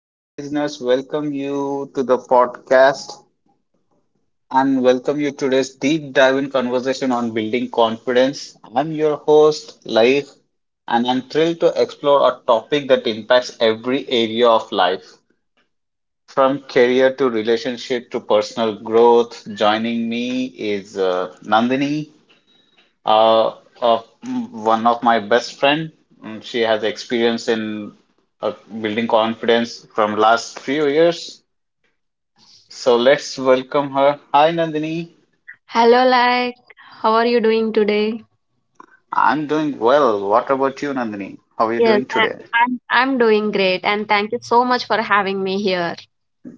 hi, listeners. Welcome you to the podcast and welcome you today's deep dive in conversation on building confidence. I'm your host, Laif, and I'm thrilled to explore a topic that impacts every area of life, from career to relationship to personal growth. Joining me is Nandini. Uh, uh, One of my best friend, she has experience in uh, building confidence from last few years. So let's welcome her. Hi, Nandini. Hello, how are you doing today? I'm doing well. What about you, Nandini? How are you Yes, doing I- today? I'm doing great, and thank you so much for having me here.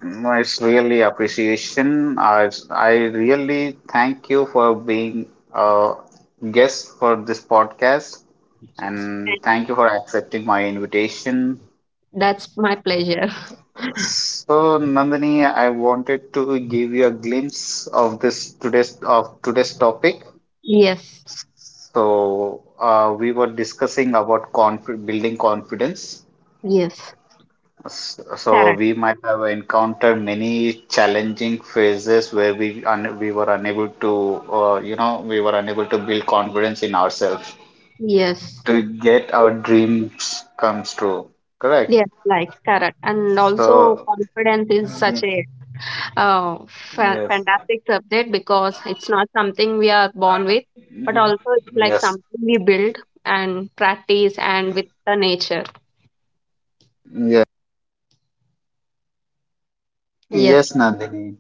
No, it's really appreciation. I really thank you for being a guest for this podcast Yes, thank- and thank you for accepting my invitation. that's my pleasure. So, Nandini, I wanted to give you a glimpse of this today's of today's topic. Yes, So, we were discussing about building confidence. yes, So, correct. we might have encountered many challenging phases where we were unable to, we were unable to build confidence in ourselves Yes, to get our dreams comes true. Correct. yes, like correct, and So, also confidence is such y- a uh, yes. fantastic subject because it's not something we are born with, but Mhm. also it's like Yes. something we build and practice and with the nature. Yes. Yes, Nandini.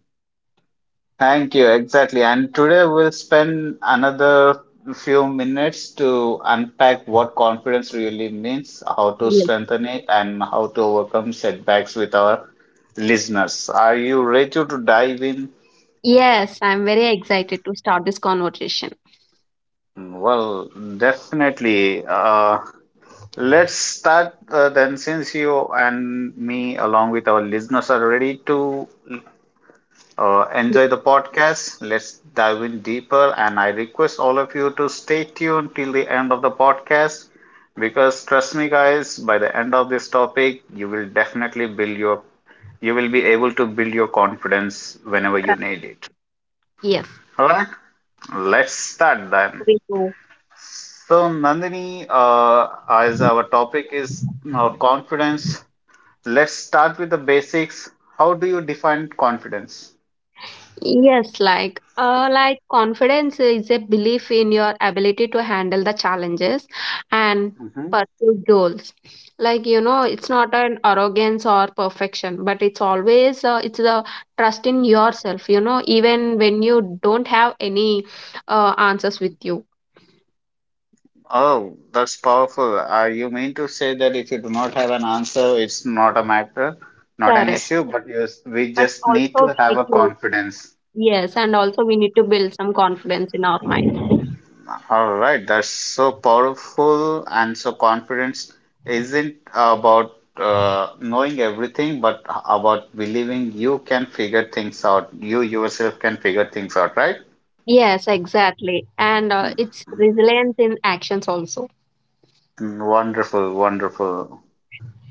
Thank you. Exactly. And today we'll spend another few minutes to unpack what confidence really means, how to strengthen it, and how to overcome setbacks with our listeners. Are you ready to dive in? Yes, I'm very excited to start this conversation. Well, definitely. Let's start then, since you and me, along with our listeners, are ready to enjoy the podcast. Let's dive in deeper. And I request all of you to stay tuned till the end of the podcast because trust me, guys, by the end of this topic, you will definitely build your you will be able to build your confidence whenever you Correct. need it. Yes. All right, let's start then. We know. So, Nandini, as our topic is confidence, let's start with the basics. How do you define confidence? Like confidence is a belief in your ability to handle the challenges and pursue goals. Like you know, it's not an arrogance or perfection, but it's the trust in yourself. You know, even when you don't have any answers with you. Oh, that's powerful. Are you mean to say that if you do not have an answer, it's not a matter, not an Correct. issue, but yes, we But just need also to we have need a to. confidence. Yes, and also we need to build some confidence in our mind. All right, that's so powerful, and so confidence isn't about knowing everything, but about believing you can figure things out. You yourself can figure things out, right? Yes, exactly. And it's resilience in actions also. Mm, wonderful, wonderful.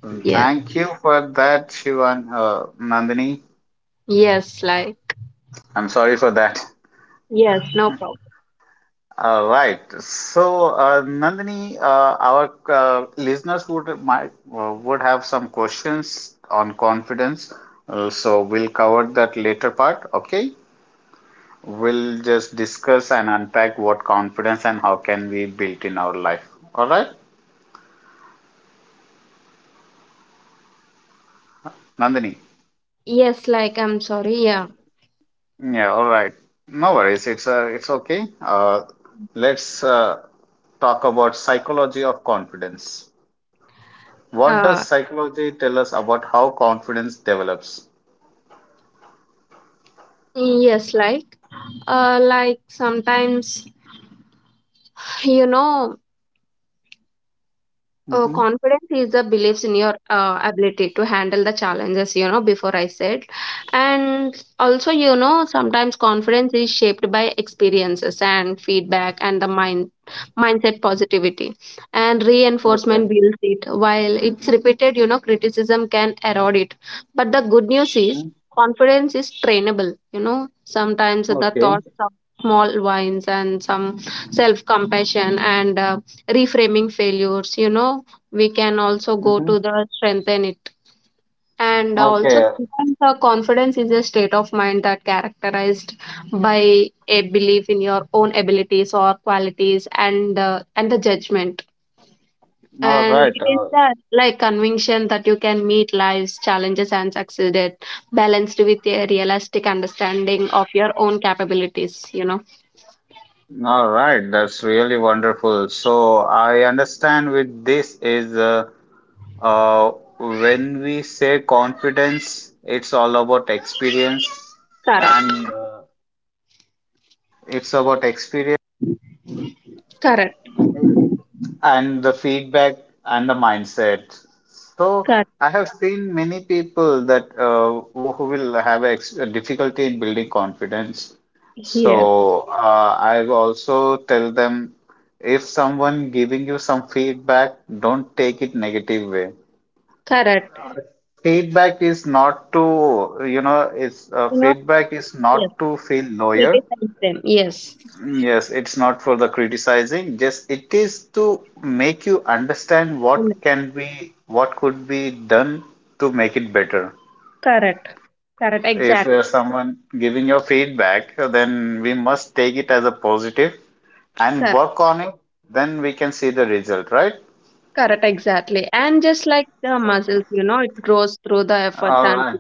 Yes. Thank you for that, Shivan, Nandini. Yes, like, I'm sorry for that. yes, no problem. All right. So, Nandini, our listeners would have some questions on confidence. So we'll cover that later part. Okay. We'll just discuss and unpack what confidence and how can we build in our life. All right, Nandini. Yes, like, I'm sorry. Yeah. Yeah. All right. No worries. It's okay. Let's talk about psychology of confidence. What does Uh, psychology tell us about how confidence develops? yes, like, like sometimes, you know, Mm-hmm. confidence is the beliefs in your ability to handle the challenges, you know, before I said. And also, you know, sometimes confidence is shaped by experiences and feedback and the mindset positivity. And Okay. reinforcement builds it. While it's repeated, you know, criticism can erode it. But the good news is Mm-hmm. confidence is trainable, you know. Sometimes the Okay. thoughts of small wins and some self compassion and reframing failures, you know, we can also go Mm-hmm. to the strengthen it. And also Okay. sometimes the confidence is a state of mind that characterized by a belief in your own abilities or qualities and the judgment, All and right. it is that like conviction that you can meet life's challenges and succeed it, balanced with a realistic understanding of your own capabilities, you know. That's really wonderful. So I understand with this is uh, when we say confidence, it's all about experience, Correct. and it's about experience. Correct. And the feedback and the mindset. So Correct. I have seen many people that who will have a difficulty in building confidence. Here. So I also tell them if someone giving you some feedback, don't take it negative way. Correct. Feedback is not to you know it's You know. feedback is Yes. not to feel lower. Criticize them. Yes. Yes, it's not for the criticizing, just it is to make you understand Mm, what could be done to make it better. correct. Correct, If exact, someone giving your feedback, then we must take it as a positive and correct, work on it, then we can see the result, right? correct, exactly. And just like the muscles, you know, it grows through the efforts All and right.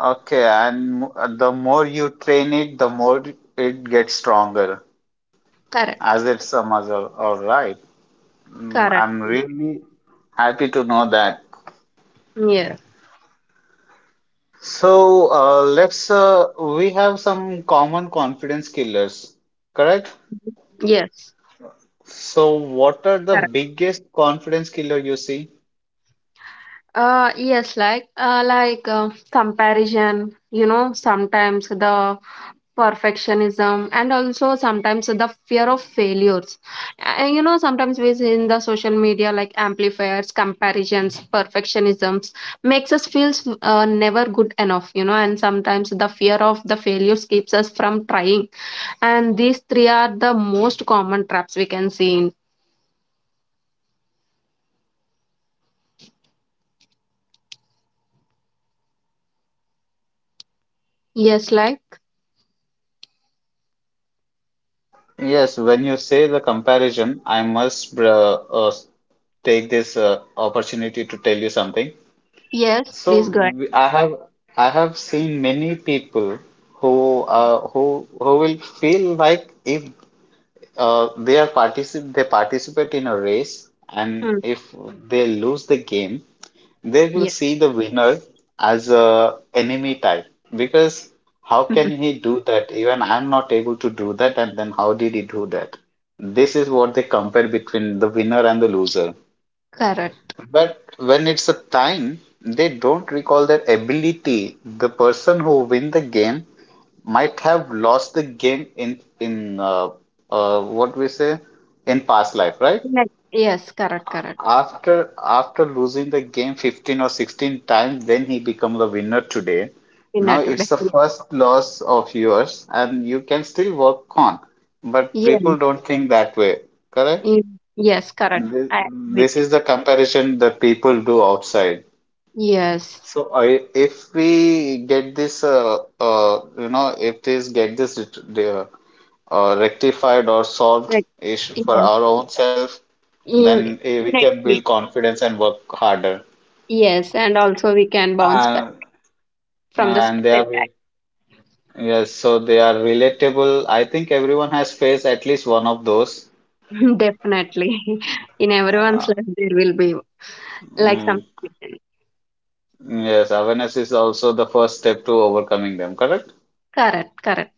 Okay, and the more you train it, the more it gets stronger, correct, as it's a muscle. All right. Mm, correct. I'm really happy to know that. Yeah, So let's we have some common confidence killers, correct? yes, So what are the correct. biggest confidence killer you see? Comparison, you know, sometimes the perfectionism and also sometimes the fear of failures. You know sometimes we see in the social media like amplifiers comparisons perfectionisms makes us feel never good enough, you know, and sometimes the fear of the failures keeps us from trying, and these three are the most common traps we can see in. Yes, like, Yes, when you say the comparison, I must take this opportunity to tell you something. yes, please So go ahead. we- I have I have seen many people who who will feel like if they participate in a race and Hmm. if they lose the game they will Yeah. see the winner as a enemy type because how can he do that? Even I'm not able to do that, and then how did he do that? This is what they compare between the winner and the loser. Correct. But when it's a time, they don't recall their ability. The person who win the game might have lost the game in what we say in past life, right? Like, yes, correct, correct. After losing the game 15 or 16 times, then he become the winner today. In Now today. it's the first loss of yours, and you can still work on. But people Yes, don't think that way, correct? yes, correct, This, I agree this with. is the comparison that people do outside. Yes. So if we get this, if this get this rectified or solved Right. issue for Yes. our own self, You- then we can build Definitely. confidence and work harder. Yes, and also we can bounce back Uh, from the and they are, setback. re- yes, so they are relatable. I think everyone has faced at least one of those. Definitely. In Uh, everyone's life, there will be like some mm, situation. yes, awareness is also the first step to overcoming them, correct? Correct, correct.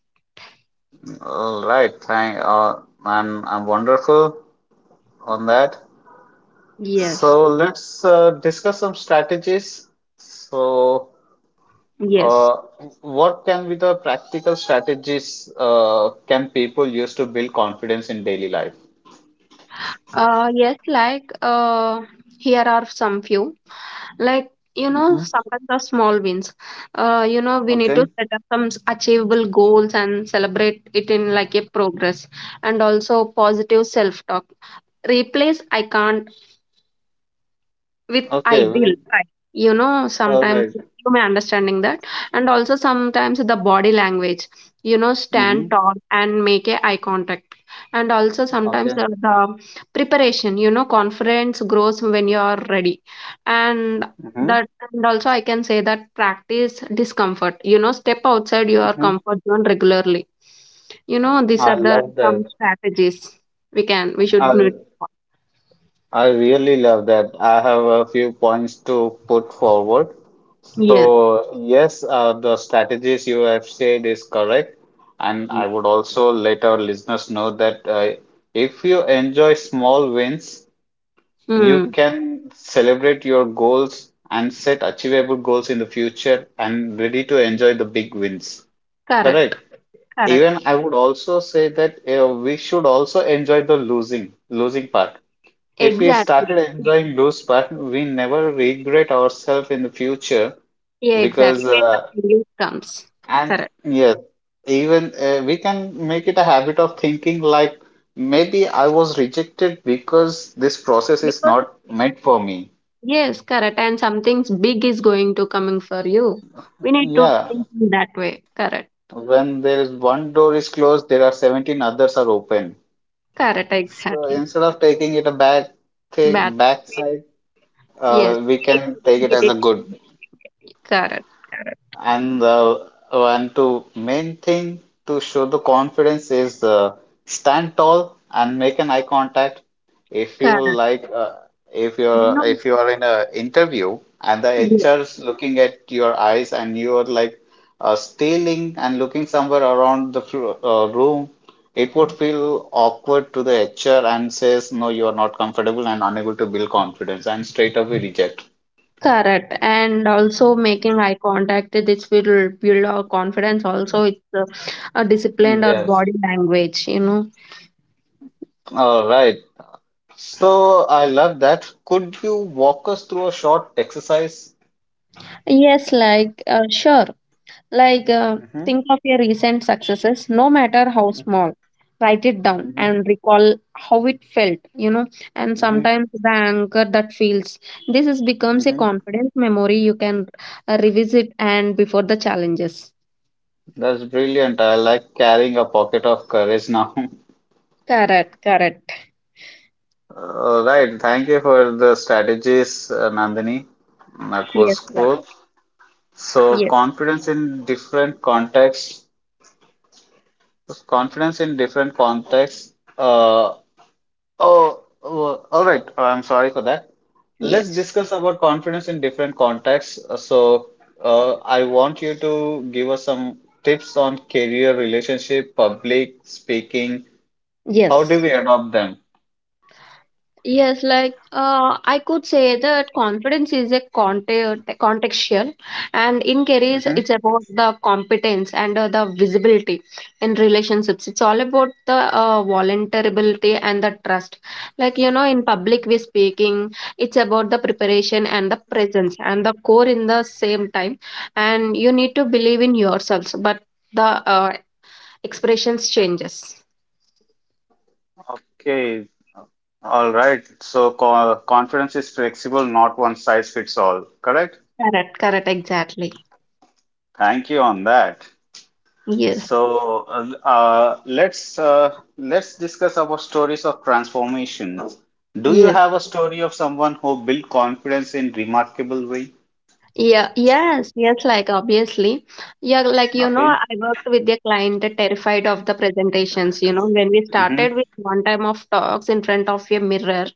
All right, I'm wonderful on that. Yes, So let's discuss some strategies. So, yes. uh, what can be the practical strategies can people use to build confidence in daily life? Uh, yes, like uh, here are some few. Like, you know, Mm-hmm. sometimes are small wins. You know, we need to Okay. set up some achievable goals and celebrate it in like a progress, and also positive self-talk. Replace I can't with I Okay. will. Right, you know, All sometimes right. you may understanding that. And also sometimes the body language, you know, stand Mm-hmm. tall and make a eye contact. And also sometimes Okay. the preparation, you know, confidence grows when you are ready. And Mm-hmm. that, and also I can say that practice discomfort, you know, step outside your Mm-hmm. comfort zone regularly. You know, these are I the love that. some strategies we should I need. I really love that. I have a few points to put forward. Yeah. So yes, the strategies you have said is correct, and I would also let our listeners know that if you enjoy small wins, you can celebrate your goals and set achievable goals in the future and ready to enjoy the big wins. Correct, Correct. correct. Even I would also say that we should also enjoy the losing part. If we Exactly. started enjoying lose part, we never regret ourselves in the future Yeah, exactly. because When the failure comes. and Correct. yes, even we can make it a habit of thinking like maybe I was rejected because this process is Because not meant for me. yes, correct. And something big is going to coming for you. We need to Yeah, think in that way. Correct. when there is one door is closed, there are 17 others are open. Correct, So exactly. instead of taking it a back, take But we- backside yes, we we need can take it to think as it a good. in positive way. Correct. Correct. And uh, and to main thing to show the confidence is stand tall and make an eye contact. If you Correct. like, uh, if you're No, if you are in a interview and the yes, HR's looking at your eyes and you are like stealing and looking somewhere around the flo room, it would feel awkward to the HR and says no, you are not comfortable and unable to build confidence and straight away reject. correct. And also making eye contact, this will build our confidence. Also, it's a disciplined or Yes, body language, you know. all right. So I love that. Could you walk us through a short exercise? Sure. Like, Hmm. think of your recent successes, no matter how small. Write it down Hmm. and recall how it felt, you know. And Hmm. sometimes the anchor that feels this is becomes a Hmm. confidence memory you can revisit and before the challenges. That's brilliant. I like carrying a pocket of courage now. Correct, correct. All right. Thank you for the strategies, Nandini. That Yes, was sir. cool. So yes, confidence in different contexts. Uh, Oh, oh, all right. I'm sorry for that. Let's yes, discuss about confidence in different contexts. I want you to give us some tips on career, relationship, public speaking. How do yes. we adopt them? I could say that confidence is a contextual, and in careers, Hmm. it's about the competence and the visibility in relationships. It's all about the vulnerability and the trust. Like, you know, in public, we speaking, it's about the preparation and the presence and the core in the same time. And you need to believe in yourselves, but the expressions changes. Okay. All right. So, co confidence is flexible, not one size fits all. Correct? Correct, correct, exactly. Thank you on that. Yes, So let's discuss about stories of transformation. Do you yes. have a story of someone who built confidence in remarkable way? Yeah, yes, yes, like obviously. Yeah, like you know, Okay. I worked with a client that terrified of the presentations. You know, when we Mm-hmm. started with one time of talks in front of a mirror,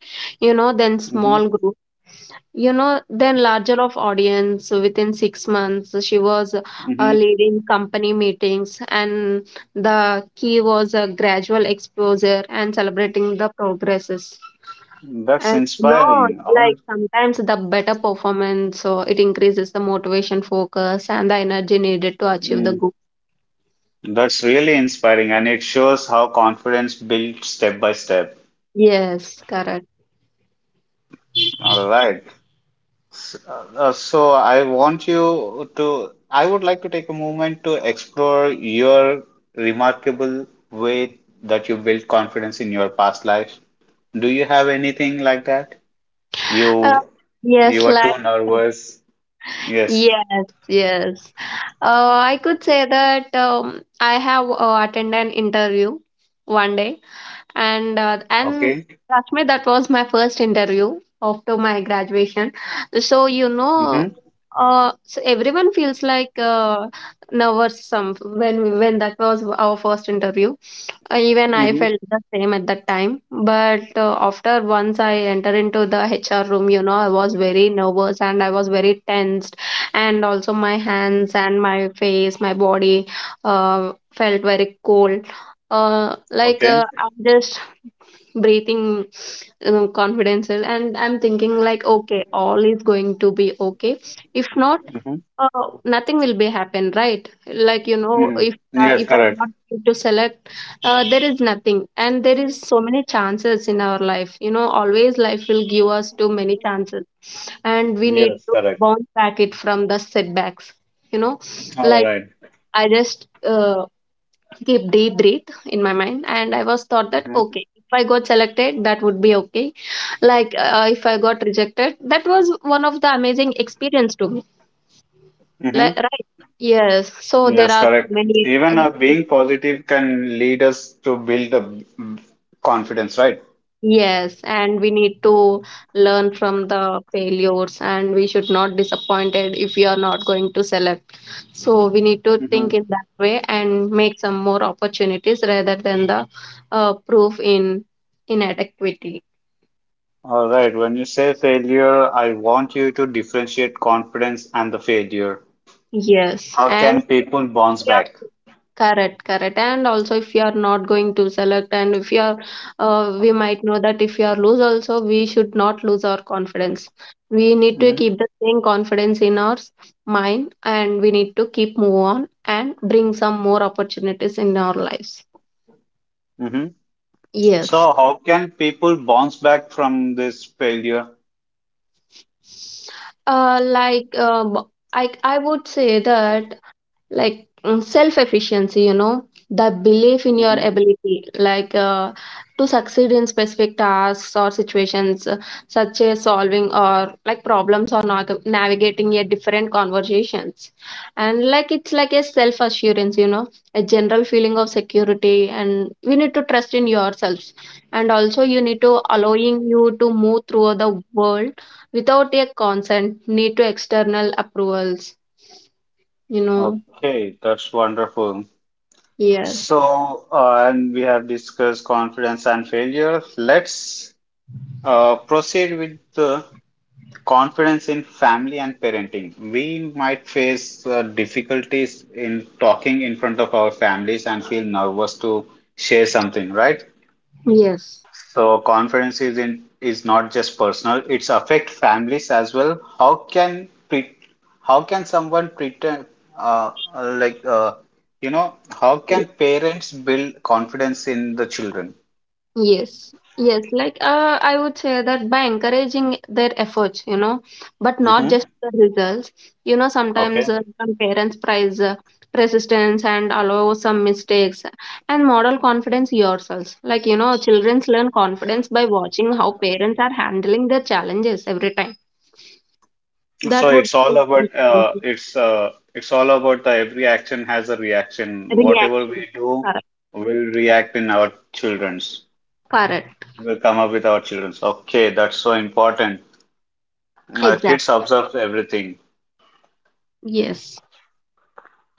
you know, then Mm-hmm. small group, you know, then larger of audience within 6 months. She was Mm-hmm. leading company meetings, and the key was a gradual exposure and celebrating the progresses. That's And not inspiring. Like sometimes the better performance, so it increases the motivation, focus, and the energy needed to achieve the mm, goal. that's really inspiring, and it shows how confidence built step by step. Yes, correct. All right. So I would like to take a moment to explore your remarkable way that you built confidence in your past life. Do you have anything like that? Uh, You you yes, were like too nervous. Yes. yes, yes. I could say that I have attended an interview one day and Okay. trust me, that was my first interview after my graduation. So you know, Mm-hmm. So everyone feels like nervous some when that was our first interview. Even I Mm-hmm. felt the same at that time. But after once I entered into the HR room, you know, I was very nervous and I was very tensed, and also my hands and my face, my body felt very cold. Okay. I just breathing confidence and I'm thinking like okay all is going to be okay, if not, Mm-hmm. Nothing will be happen, right? Like you know Mm-hmm. Yes, if I'm correct. not able to select, there is nothing and there is so many chances in our life, you know, always life will give us too many chances, and we need Yes, to correct. bounce back it from the setbacks, you know. All Like right. I just keep deep breath in my mind and I was thought that Mm-hmm. okay if I got selected that would be okay, like if I got rejected that was one of the amazing experience to me, Mm-hmm. like, right? Yes, so there Yes, are correct. many. Even being positive can lead us to build confidence, right? Yes, and we need to learn from the failures, and we should not disappointed if we are not going to select, so we need to think Mhm. in that way and make some more opportunities rather than the proof in inadequacy. All right. When you say failure, I want you to differentiate confidence and the failure. Yes, How and can people bounce yeah, back? correct, correct. And also, if you are not going to select, and if you are, we might know that if you are lose, also we should not lose our confidence. We need to Hmm. keep the same confidence in our mind, and we need to keep move on and bring some more opportunities in our lives. Hmm. Yes, So, how can people bounce back from this failure? uh, like uh, b- I would say that, like, self efficiency, you know, the belief in your Hmm. ability, like to succeed in specific tasks or situations, such as solving or like problems or navigating a different conversations, and like it's like a self assurance, you know, a general feeling of security, and we need to trust in yourselves, and also you need to allowing you to move through the world without a consent need to external approvals, you know. Okay, that's wonderful. Yes, So, and we have discussed confidence and failure. Let's proceed with the confidence in family and parenting. We might face difficulties in talking in front of our families and feel nervous to share something, right? yes, So confidence is not just personal, it's affect families as well. How can someone pretend, uh, like uh, you know how can parents build confidence in the children? I would say that by encouraging their efforts, you know, but not Hmm. just the results. You know, sometimes Okay. some parents prize persistence and allow some mistakes and model confidence yourselves. Like, you know, children learn confidence by watching how parents are handling their challenges every time. So That would it's all about be it's all about the every action has a reaction. Whatever reaction. we do Correct. will react in our children's. Correct. Will come up with our children's. Okay, that's so important. Our Exactly. kids observe everything. Yes.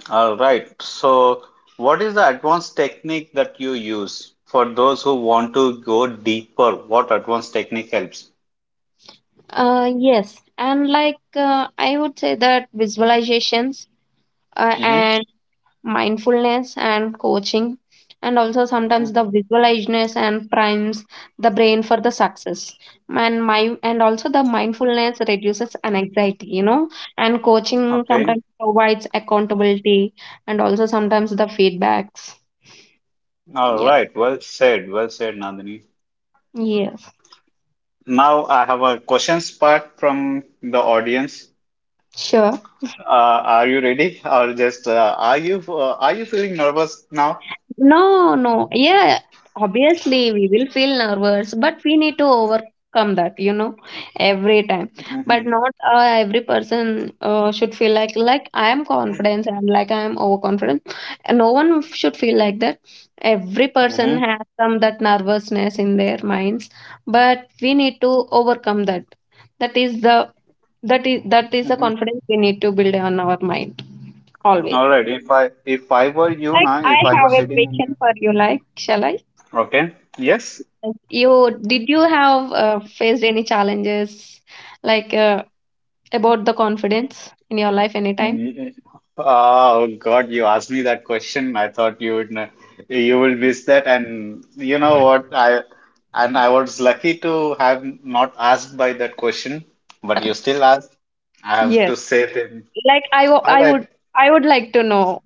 All right. So what is the advanced technique that you use for those who want to go deeper? What advanced technique helps? Yes, and like I would say that visualizations Mm-hmm. and mindfulness and coaching, and also sometimes Mm-hmm. the visualizations and primes the brain for the success. And my and also the mindfulness reduces anxiety, you know, and coaching Okay. sometimes provides accountability and also sometimes the feedbacks. All Yes, right. Well said. Well said, Nandini. yes, Now I have a questions part from the audience. sure. Are you ready, or just are you feeling nervous now? No, no. Yeah, obviously we will feel nervous, but we need to overcome that, you know, every time. But Mm-hmm. not every person should feel like I am confident and like I am overconfident. And no one should feel like that. Every Mm-hmm. person has some that nervousness in their minds, but we need to overcome that. That is the that is the Mm-hmm. confidence we need to build on our mind always. All right. If I were you Like now, I if I have was a sitting in your question for you. Like, shall I? okay, yes. You Did you have faced any challenges like about the confidence in your life anytime? Mm, Oh God, you asked me that question. I thought you would know, you will miss that, and you know what? I And I was lucky to have not asked by that question, but you still asked. I have Yes. to say it. Like I, w- All I would right, I would like to know.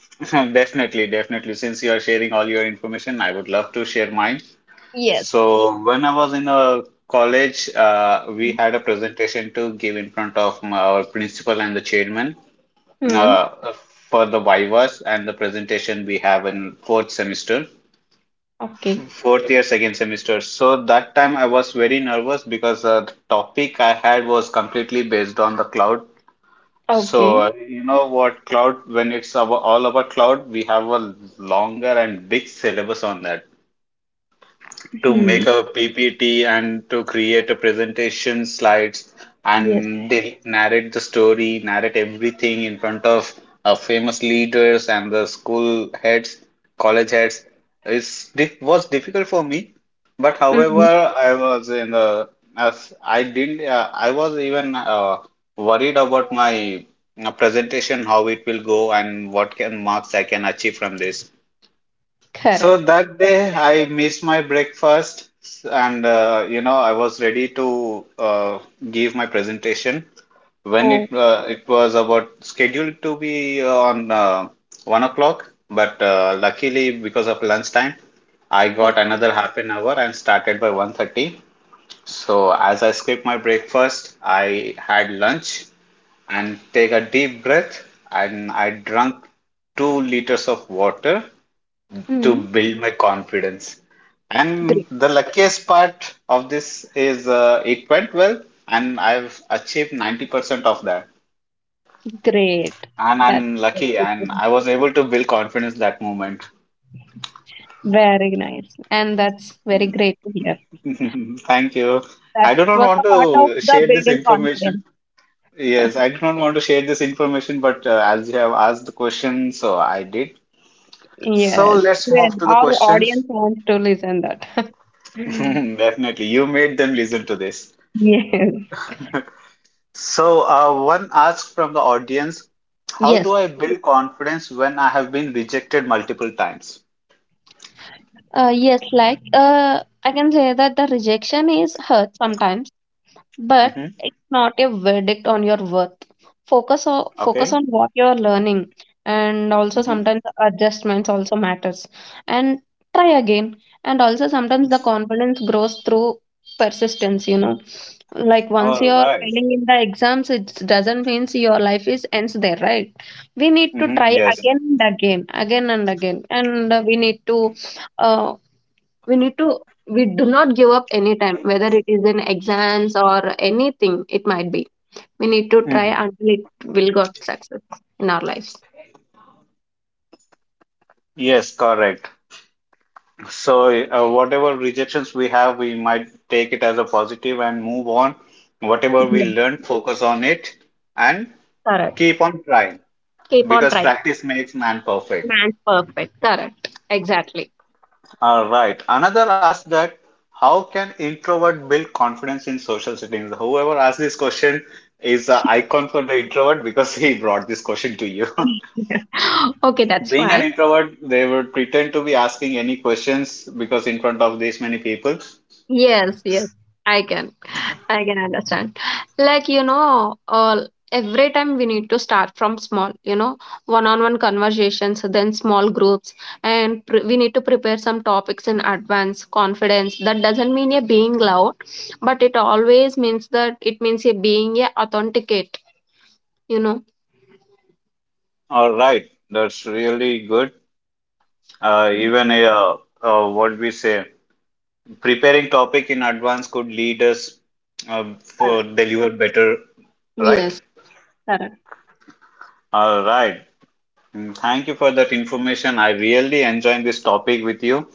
definitely, definitely. Since you are sharing all your information, I would love to share mine. Yes. So, when I was in a college, we had a presentation to give in front of our principal and the chairman Hmm. uh, for the vivas and the presentation we have in fourth semester, Okay. fourth year, second semester. So, that time I was very nervous because the topic I had was completely based on the cloud. Okay. So, you know what, cloud, when it's about, all about cloud, we have a longer and big syllabus on that to Hmm. make a PPT and to create a presentation slides Yes. and they narrate the story, narrate everything in front of famous leaders and the school heads, college heads. It was difficult for me, but Hmm. however, I was in the as I didn't I was even worried about my presentation, how it will go, and what can marks I can achieve from this. So Correct. that That's day it. I missed my breakfast and you know I was ready to give my presentation when Oh. it was about scheduled to be on 1 o'clock, but luckily because of lunchtime I Okay. got another half an hour and started by 1:30. So, as I skipped my breakfast I had lunch and take a deep breath and I drank 2 liters of water to Mm. build my confidence. And Great. the luckiest part of this is it went well, and I've achieved 90% of that. Great. And That's I'm that's lucky, good to and hear. I was able to build confidence that moment. Very nice, and that's very great to hear. Thank you. That I do not was want a part of to the share this building information. confidence. Yes, I do not want to share this information, but as you have asked the question, so I did. So Yes. let's Well, move to the our questions. audience wants to listen that. Definitely, you made them listen to this. Yes. So, one asked from the audience, how Yes. do I build confidence when I have been rejected multiple times? I can say that the rejection is hurt sometimes, but Hmm. it's not a verdict on your worth. Focus Okay. on what you're learning, and also Hmm. sometimes adjustments also matters. And try again. And also sometimes the confidence grows through persistence. You know, like once All you're right. failing in the exams, it doesn't mean your life is ends there, right? We need to Mm-hmm. try Yes. Again and again, and uh, we need to we do not give up anytime, whether it is in exams or anything it might be, we need to try Mm. until it will got success in our lives. Yes, correct. So, whatever rejections we have, we might take it as a positive and move on. Whatever Yes, we learn, focus on it and correct. keep on trying Keep on because trying. practice makes man perfect. Man's perfect. Correct, exactly. All right. Another asked that how can introvert build confidence in social settings? Whoever asked this question is an icon for the introvert because he brought this question to you. Okay, that's Being an fine. introvert, they would pretend to be asking any questions because in front of this many people. Yes, yes, I can. I can understand. Like, you know, all every time we need to start from small, you know, one-on-one conversations, then small groups, and pre we need to prepare some topics in advance, confidence. That doesn't mean a being loud, but it always means that it means a being a authenticate, you know. All right, that's really good. Even a What we say, preparing topic in advance could lead us Uh, for deliver better, right? Yes, correct. All right. Thank you for that information. I really enjoyed this topic with you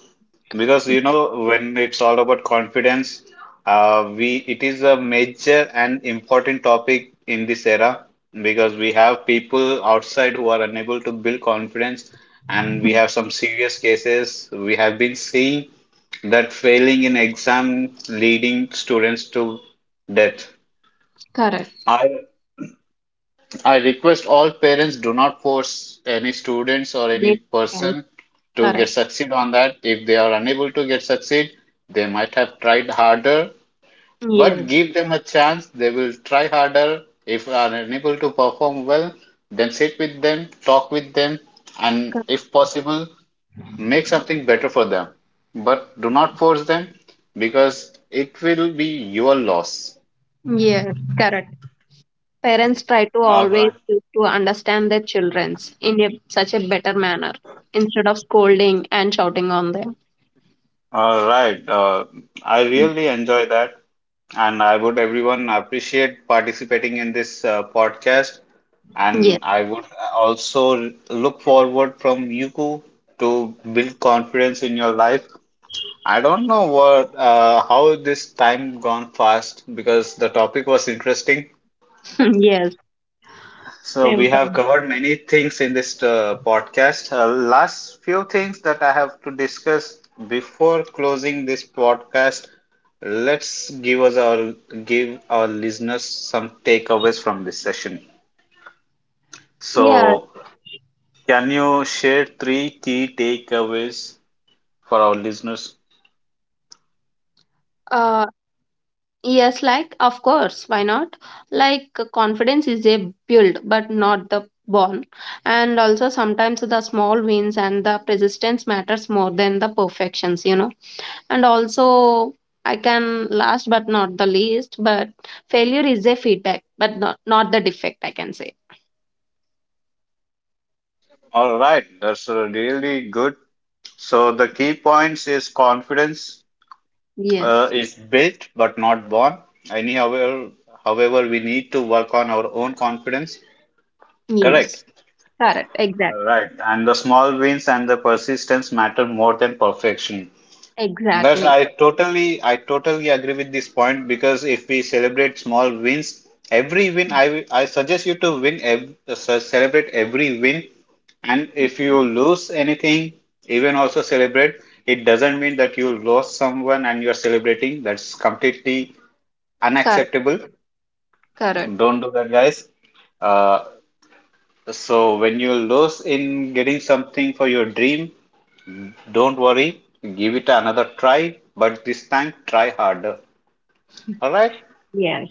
because you know when it's all about confidence, we it is a major and important topic in this era because we have people outside who are unable to build confidence, and we Mhm. have some serious cases. We have been seeing that failing in exam leading students to death. Correct. I request all parents do not force any students or any Yes, person to get correct. succeed on that. If they are unable to get succeed, they might have tried harder, but Yes. give them a chance. They will try harder. If are unable to perform well, then sit with them, talk with them, and Cor- if possible, make something better for them. But do not force them because it will be your loss. Yes, correct. Parents try to All always right. To understand their childrens in a, such a better manner instead of scolding and shouting on them. All right. I really enjoy that. And I would everyone appreciate participating in this podcast. And Yes. I would also look forward from Yuku to build confidence in your life. I don't know what how this time gone fast because the topic was interesting, Yes, so same we for have me. covered many things in this podcast. Last few things that I have to discuss before closing this podcast. Let's give us our Give our listeners some takeaways from this session. yeah So, can you share three key takeaways for our listeners? uh yes, like, of course, why not? Like, confidence is a build but not the born, and also sometimes the small wins and the persistence matters more than the perfections, you know. And also I can last but not the least but failure is a feedback but not not the defect, I can say. All right, that's really good. So the key points is confidence, Yes. is built but not born. Any However, however, we need to work on our own confidence. Correct. Yes, correct, All exactly, right. And the small wins and the persistence matter more than perfection. That's exactly. I totally agree with this point because if we celebrate small wins, every win I will- I suggest you to win ev- ce- celebrate every win, and if Mhm. you lose anything, even also celebrate. It doesn't mean that you lost someone and you're celebrating. That's completely Correct, unacceptable. correct. Don't do that, guys. Uh, so when you lose in getting something for your dream, don't worry. Give it another try, but this time try harder. All right? Yes,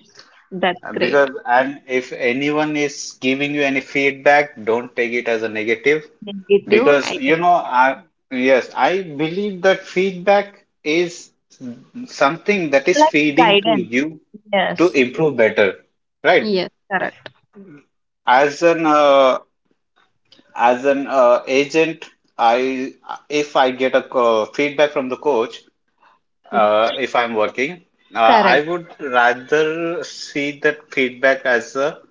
that's great. Because and if anyone is giving you any feedback, don't take it as a negative. Negative. Because you Identity. know, I yes, I believe that feedback is something that is Like feeding to guidance. you to Yes. improve better, right? Yes, correct. As an uh, As an agent, I if I get a feedback from the coach, Mhm. If I'm working, I Correct, would rather see that feedback as a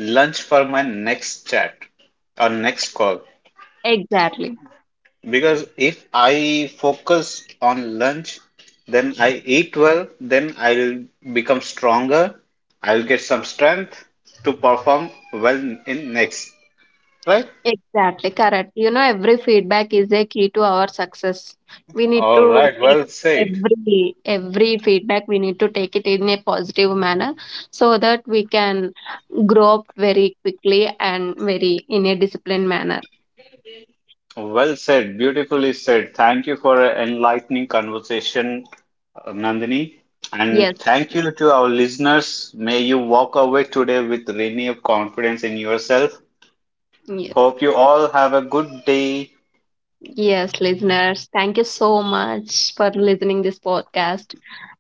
lunch for my next chat or next call. exactly. Because if I focus on lunch, then I eat well, then I'll become stronger. I'll get some strength to perform well in next. Right? Exactly, correct. You know, every feedback is a key to our success. We need All to right, take well said. Every feedback. We need to take it in a positive manner so that we can grow up very quickly and very in a disciplined manner. Well said, beautifully said. Thank you for an enlightening conversation, Nandini. And Yes, thank you to our listeners. May you walk away today with renewed confidence in yourself. yes, Hope you all have a good day. yes, listeners. Thank you so much for listening this podcast.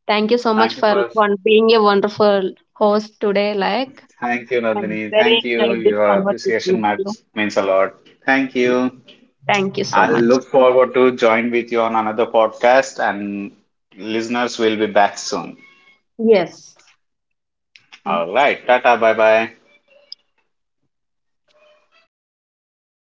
Thank you so much Thank you for for one, being a wonderful host today. Like, Thank you, I Nandini. very Thank you. enjoyed this Your conversation appreciation with you. Means a lot. Thank you. Thank you so I much. look forward to join with you on another podcast, and listeners will be back soon. Yes. All right. Tata. Bye bye.